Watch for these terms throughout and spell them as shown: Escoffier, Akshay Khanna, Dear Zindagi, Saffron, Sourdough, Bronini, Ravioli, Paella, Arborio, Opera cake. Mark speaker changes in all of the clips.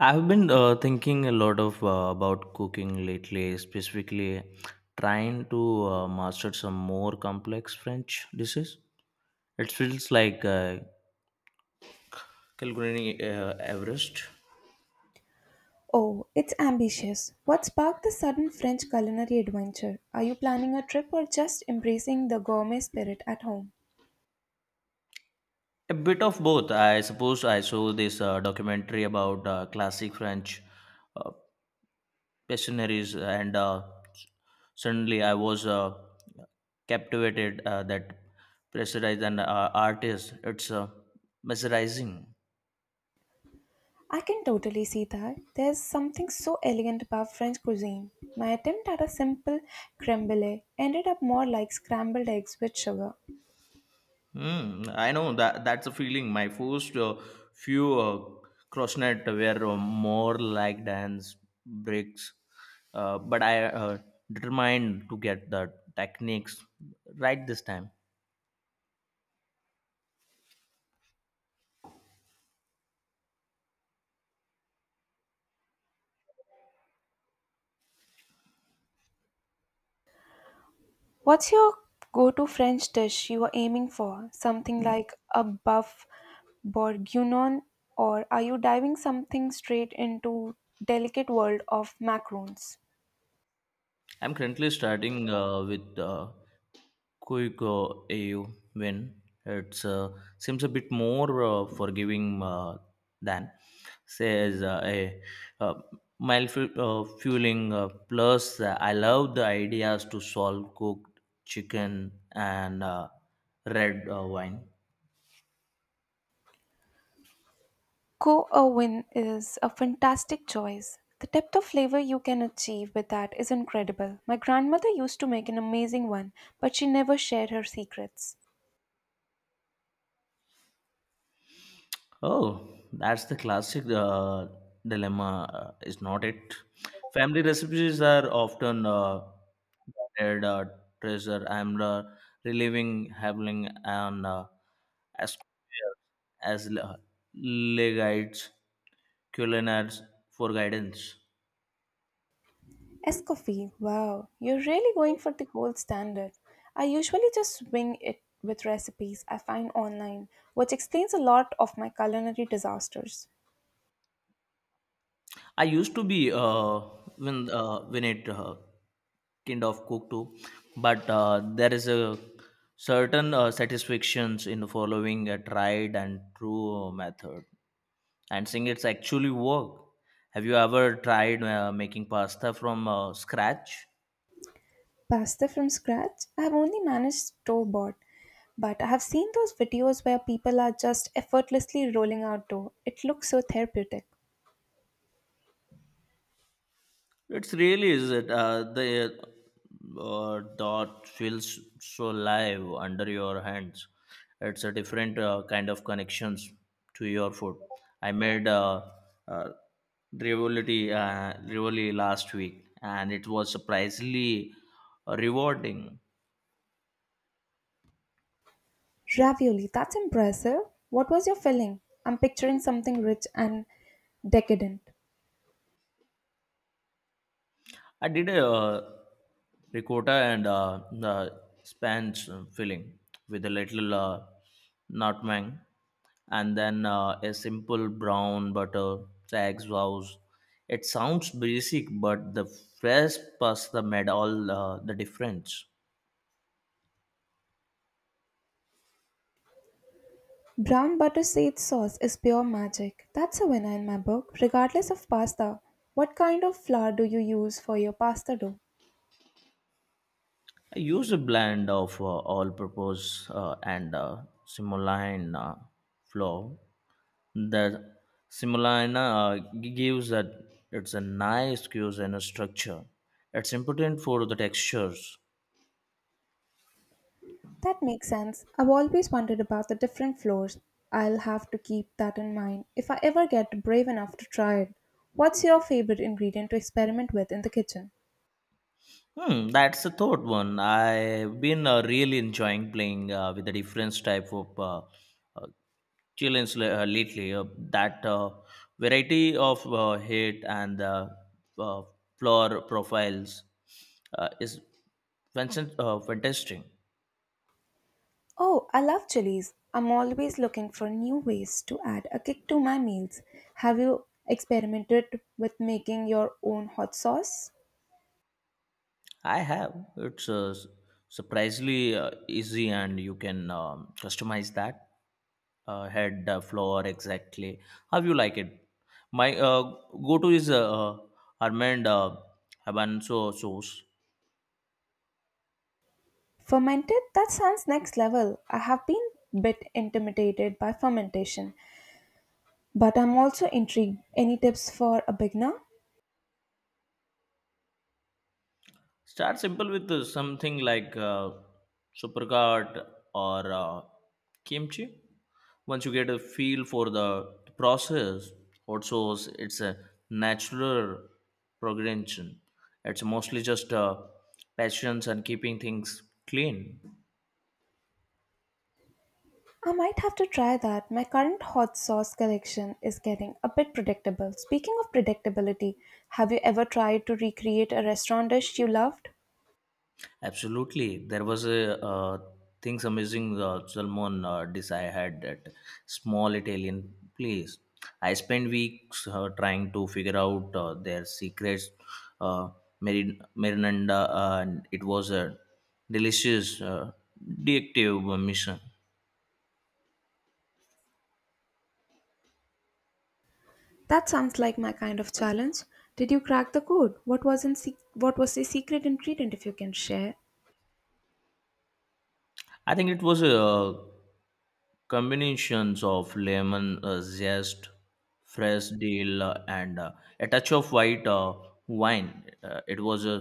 Speaker 1: I've been thinking a lot of about cooking lately, specifically trying to master some more complex French dishes. It feels like Calgary Everest.
Speaker 2: Oh, it's ambitious. What sparked the sudden French culinary adventure? Are you planning a trip or just embracing the gourmet spirit at home?
Speaker 1: A bit of both, I suppose. I saw this documentary about classic French uh, pastries, and suddenly I was captivated that pressurized and artist. It's mesmerizing.
Speaker 2: I can totally see that. There's something so elegant about French cuisine. My attempt at a simple creme brulee ended up more like scrambled eggs with sugar.
Speaker 1: Mm, I know that's a feeling. My first few crossnet were more like dance breaks, but I determined to get the techniques right this time.
Speaker 2: What's your go to French dish you are aiming for? Something like a buff bourguignon, or are you diving something straight into delicate world of macarons?
Speaker 1: I'm currently starting with Kuiko AU when it seems a bit more forgiving than, says a uh, fueling. Plus, I love the ideas to solve cooked chicken and red wine.
Speaker 2: Ko Owen is a fantastic choice. The depth of flavor you can achieve with that is incredible. My grandmother used to make an amazing one, but she never shared her secrets.
Speaker 1: Oh, that's the classic dilemma, is not it? Family recipes are often guarded treasure. I'm reliving having an as as le- legates, culinars for guidance.
Speaker 2: Escoffier, wow, you're really going for the gold standard. I usually just wing it with recipes I find online, which explains a lot of my culinary disasters.
Speaker 1: I used to be when it kind of cooked too, but there is a certain satisfactions in following a tried and true method and seeing it's actually work. Have you ever tried making pasta from scratch?
Speaker 2: Pasta from scratch? I have only managed store bought, but I have seen those videos where people are just effortlessly rolling out dough. It looks so therapeutic.
Speaker 1: It's really is it the dot feels so live under your hands. It's a different kind of connections to your food. I made uh, Rivoli last week, and it was surprisingly rewarding.
Speaker 2: Ravioli, that's impressive. What was your filling? I'm picturing something rich and decadent.
Speaker 1: I did a ricotta and the Spanish filling with a little nutmeg and then a simple brown butter eggs sauce. It sounds basic, but the fresh pasta made all the difference.
Speaker 2: Brown butter sage sauce is pure magic. That's a winner in my book, regardless of pasta. What kind of flour do you use for your pasta dough?
Speaker 1: I use a blend of all purpose and simulain flour. The simulina gives that it's a nice cues and a structure. It's important for the textures.
Speaker 2: That makes sense. I've always wondered about the different flours. I'll have to keep that in mind if I ever get brave enough to try it. What's your favorite ingredient to experiment with in the kitchen?
Speaker 1: Hmm, that's the third one. I've been really enjoying playing with the different type of uh, chillins lately. That variety of head and uh, floor profiles is fantastic. Fantastic.
Speaker 2: Oh, I love chilies. I'm always looking for new ways to add a kick to my meals. Have you experimented with making your own hot sauce?
Speaker 1: I have. It's surprisingly easy, and you can customize that head floor exactly how you like it. My go-to is almond habanero sauce.
Speaker 2: Fermented? That sounds next level. I have been bit intimidated by fermentation, but I'm also intrigued. Any tips for a beginner?
Speaker 1: Start simple with something like supercard or kimchi. Once you get a feel for the process, also it's a natural progression. It's mostly just patience and keeping things clean.
Speaker 2: I might have to try that. My current hot sauce collection is getting a bit predictable. Speaking of predictability, have you ever tried to recreate a restaurant dish you loved?
Speaker 1: Absolutely, there was a things amazing salmon dish I had at small Italian place. I spent weeks trying to figure out their secrets, uh, marinada, and it was a delicious detective mission.
Speaker 2: That sounds like my kind of challenge. Did you crack the code? What was the secret ingredient if you can share?
Speaker 1: I think it was a combinations of lemon zest, fresh dill, and a touch of white wine. It was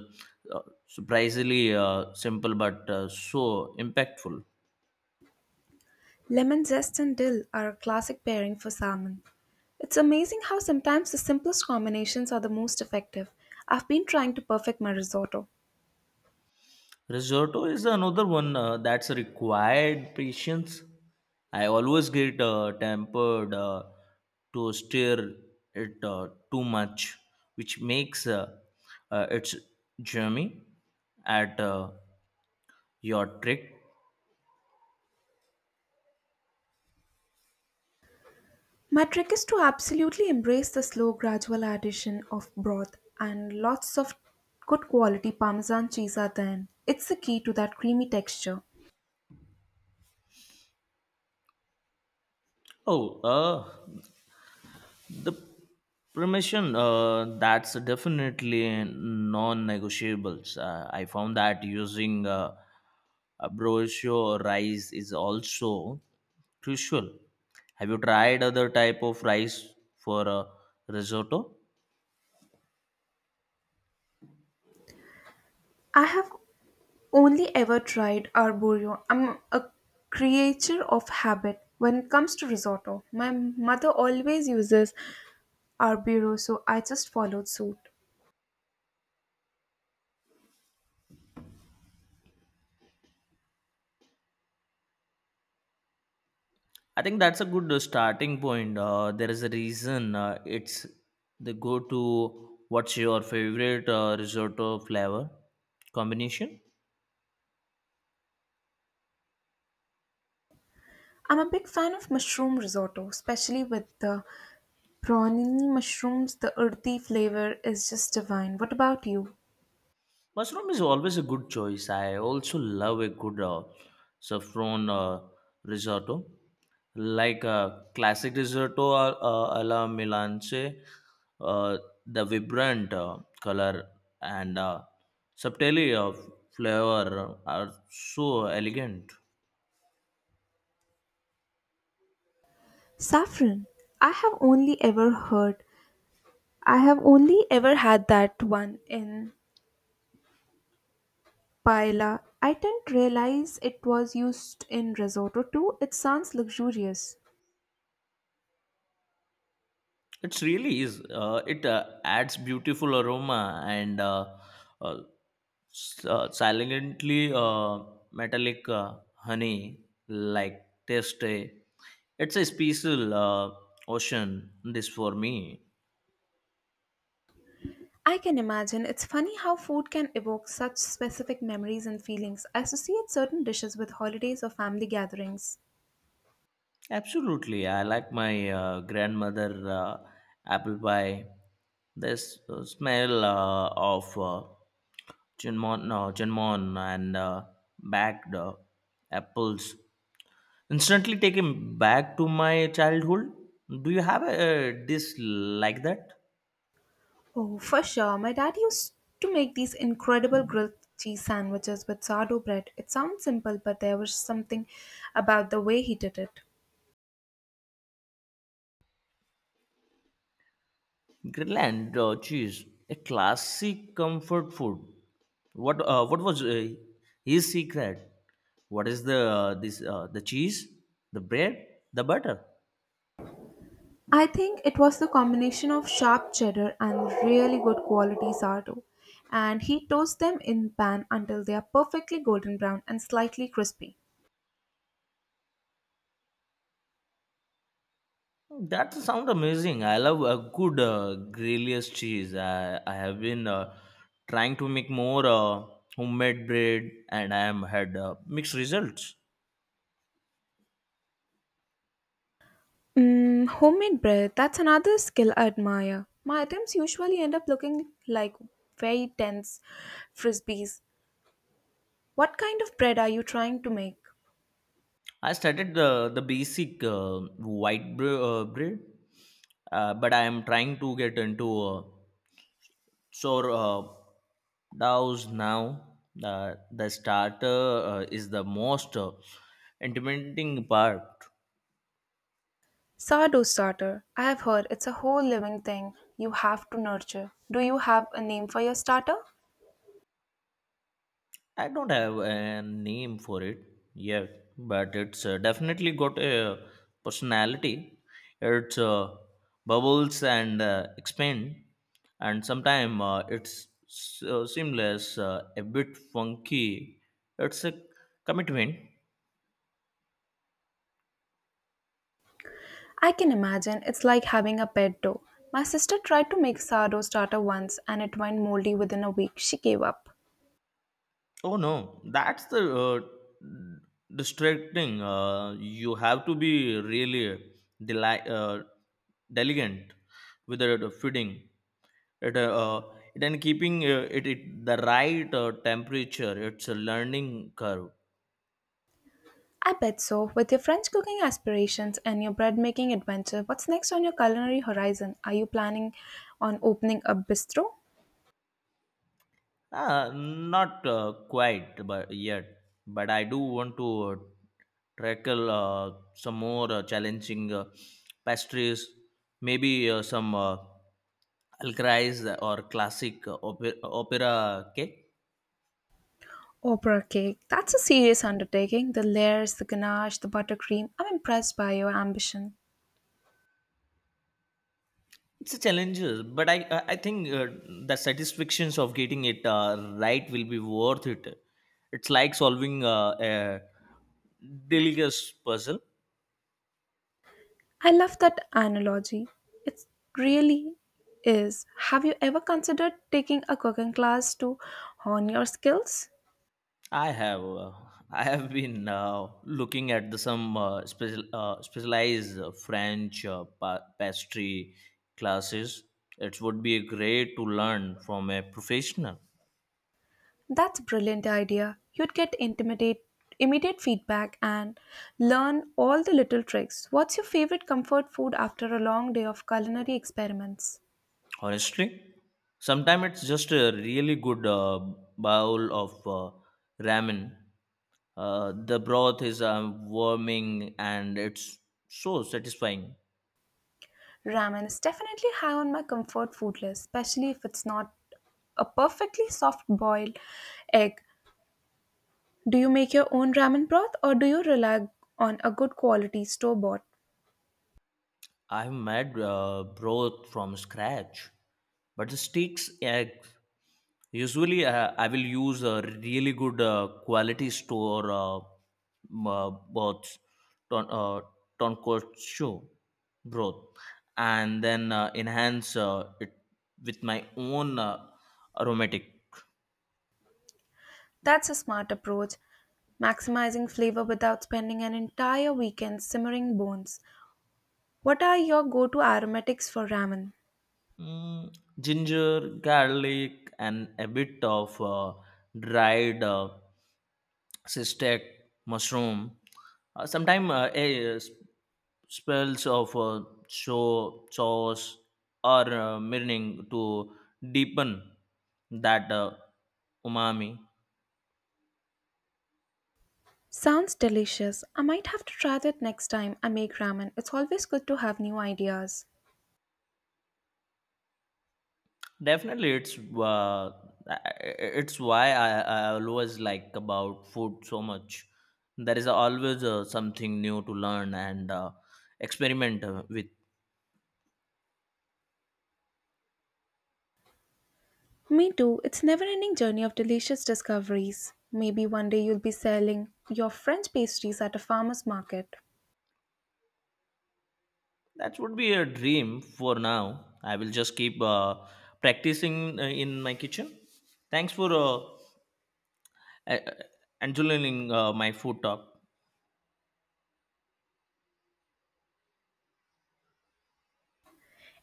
Speaker 1: uh, surprisingly simple but so impactful.
Speaker 2: Lemon zest and dill are a classic pairing for salmon. It's amazing how sometimes the simplest combinations are the most effective. I've been trying to perfect my risotto.
Speaker 1: Risotto is another one that's required patience. I always get tempered to stir it too much, which makes its journey at your trick.
Speaker 2: My trick is to absolutely embrace the slow gradual addition of broth and lots of good quality parmesan cheese at the end. It's the key to that creamy texture.
Speaker 1: Oh, the permission, that's definitely non-negotiables. I found that using a brochure rice is also crucial. Have you tried other type of rice for risotto?
Speaker 2: I have only ever tried arborio. I'm a creature of habit when it comes to risotto. My mother always uses arborio, so I just followed suit.
Speaker 1: I think that's a good starting point. There is a reason it's the go-to. What's your favorite risotto flavor combination?
Speaker 2: I'm a big fan of mushroom risotto, especially with the bronini mushrooms. The earthy flavor is just divine. What about you?
Speaker 1: Mushroom is always a good choice. I also love a good saffron risotto, like a classic risotto alla Milanese. Uh, the vibrant color and subtlety of flavor are so elegant.
Speaker 2: Saffron. I have only ever heard. I have only ever had that one in Paella. I didn't realize it was used in risotto too. It sounds luxurious.
Speaker 1: It really is. It adds beautiful aroma and uh, silently metallic honey like taste. Eh? It's a special ocean. This for me.
Speaker 2: I can imagine. It's funny how food can evoke such specific memories and feelings. I associate certain dishes with holidays or family gatherings.
Speaker 1: Absolutely, I like my grandmother apple pie. This smell of cinnamon, no, cinnamon and baked apples instantly taken back to my childhood. Do you have a dish like that?
Speaker 2: Oh, for sure. My dad used to make these incredible grilled cheese sandwiches with sourdough bread. It sounds simple, but there was something about the way he did it.
Speaker 1: Greenland cheese, a classic comfort food. What was his secret? What is the this the cheese, the bread, the butter?
Speaker 2: I think it was the combination of sharp cheddar and really good quality sourdough. And he toasts them in pan until they are perfectly golden brown and slightly crispy.
Speaker 1: That sound amazing. I love a good grilled cheese. I have been trying to make more homemade bread, and I am had mixed results.
Speaker 2: Mm, homemade bread, that's another skill I admire. My attempts usually end up looking like very dense frisbees. What kind of bread are you trying to make?
Speaker 1: I started the basic bread, but I am trying to get into sour doughs now. The starter is the most intimidating part.
Speaker 2: Sourdough starter. I have heard it's a whole living thing you have to nurture. Do you have a name for your starter?
Speaker 1: I don't have a name for it yet, but it's definitely got a personality. It's bubbles and expand, and sometimes it's so seamless, a bit funky. It's a commitment.
Speaker 2: I can imagine it's like having a pet though. My sister tried to make sourdough starter once and it went moldy within a week. She gave up.
Speaker 1: Oh no, that's the distracting. You have to be really deli- uh, diligent with the feeding. It, uh, uh, then keeping it the right temperature. It's a learning curve.
Speaker 2: I bet so. With your French cooking aspirations and your bread making adventure, what's next on your culinary horizon? Are you planning on opening a bistro?
Speaker 1: Not quite but yet, but I do want to tackle some more challenging pastries, maybe some alcrais or classic opera cake.
Speaker 2: Opera cake. That's a serious undertaking. The layers, the ganache, the buttercream. I'm impressed by your ambition.
Speaker 1: It's a challenge, but I think the satisfactions of getting it right will be worth it. It's like solving a delicious puzzle.
Speaker 2: I love that analogy. It really is. Have you ever considered taking a cooking class to hone your skills?
Speaker 1: I have uh, I have been looking at the, some specialized French pastry classes. It would be great to learn from a professional.
Speaker 2: That's a brilliant idea. Immediate feedback and learn all the little tricks. What's your favorite comfort food after a long day of culinary experiments?
Speaker 1: Honestly, sometimes it's just a really good bowl of ramen. The broth is warming and it's so satisfying.
Speaker 2: Ramen is definitely high on my comfort food list, especially if it's not a perfectly soft boiled egg. Do you make your own ramen broth or do you rely on a good quality store bought?
Speaker 1: I've made broth from scratch, but the sticks egg usually, I will use a really good quality store bots, ton, uh, tonkotsu broth, and then enhance it with my own aromatic.
Speaker 2: That's a smart approach, maximizing flavor without spending an entire weekend simmering bones. What are your go to aromatics for ramen?
Speaker 1: Mm, ginger, garlic, and a bit of dried. Cystic mushroom sometimes spells of show sauce or marinating to deepen that umami.
Speaker 2: Sounds delicious. I might have to try that next time I make ramen. It's always good to have new ideas.
Speaker 1: Definitely uh, it's why I always like about food so much. There is always something new to learn and experiment with.
Speaker 2: Me too. It's a never-ending journey of delicious discoveries. Maybe one day you'll be selling your French pastries at a farmer's market.
Speaker 1: That would be a dream for now. I will just keep practicing in my kitchen. Thanks for uh, enjoying my food talk.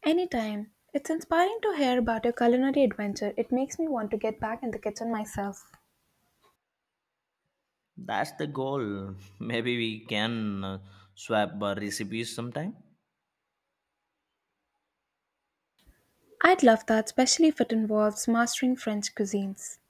Speaker 2: Anytime. It's inspiring to hear about your culinary adventure. It makes me want to get back in the kitchen myself.
Speaker 1: That's the goal. Maybe we can swap recipes sometime.
Speaker 2: I'd love that, especially if it involves mastering French cuisines.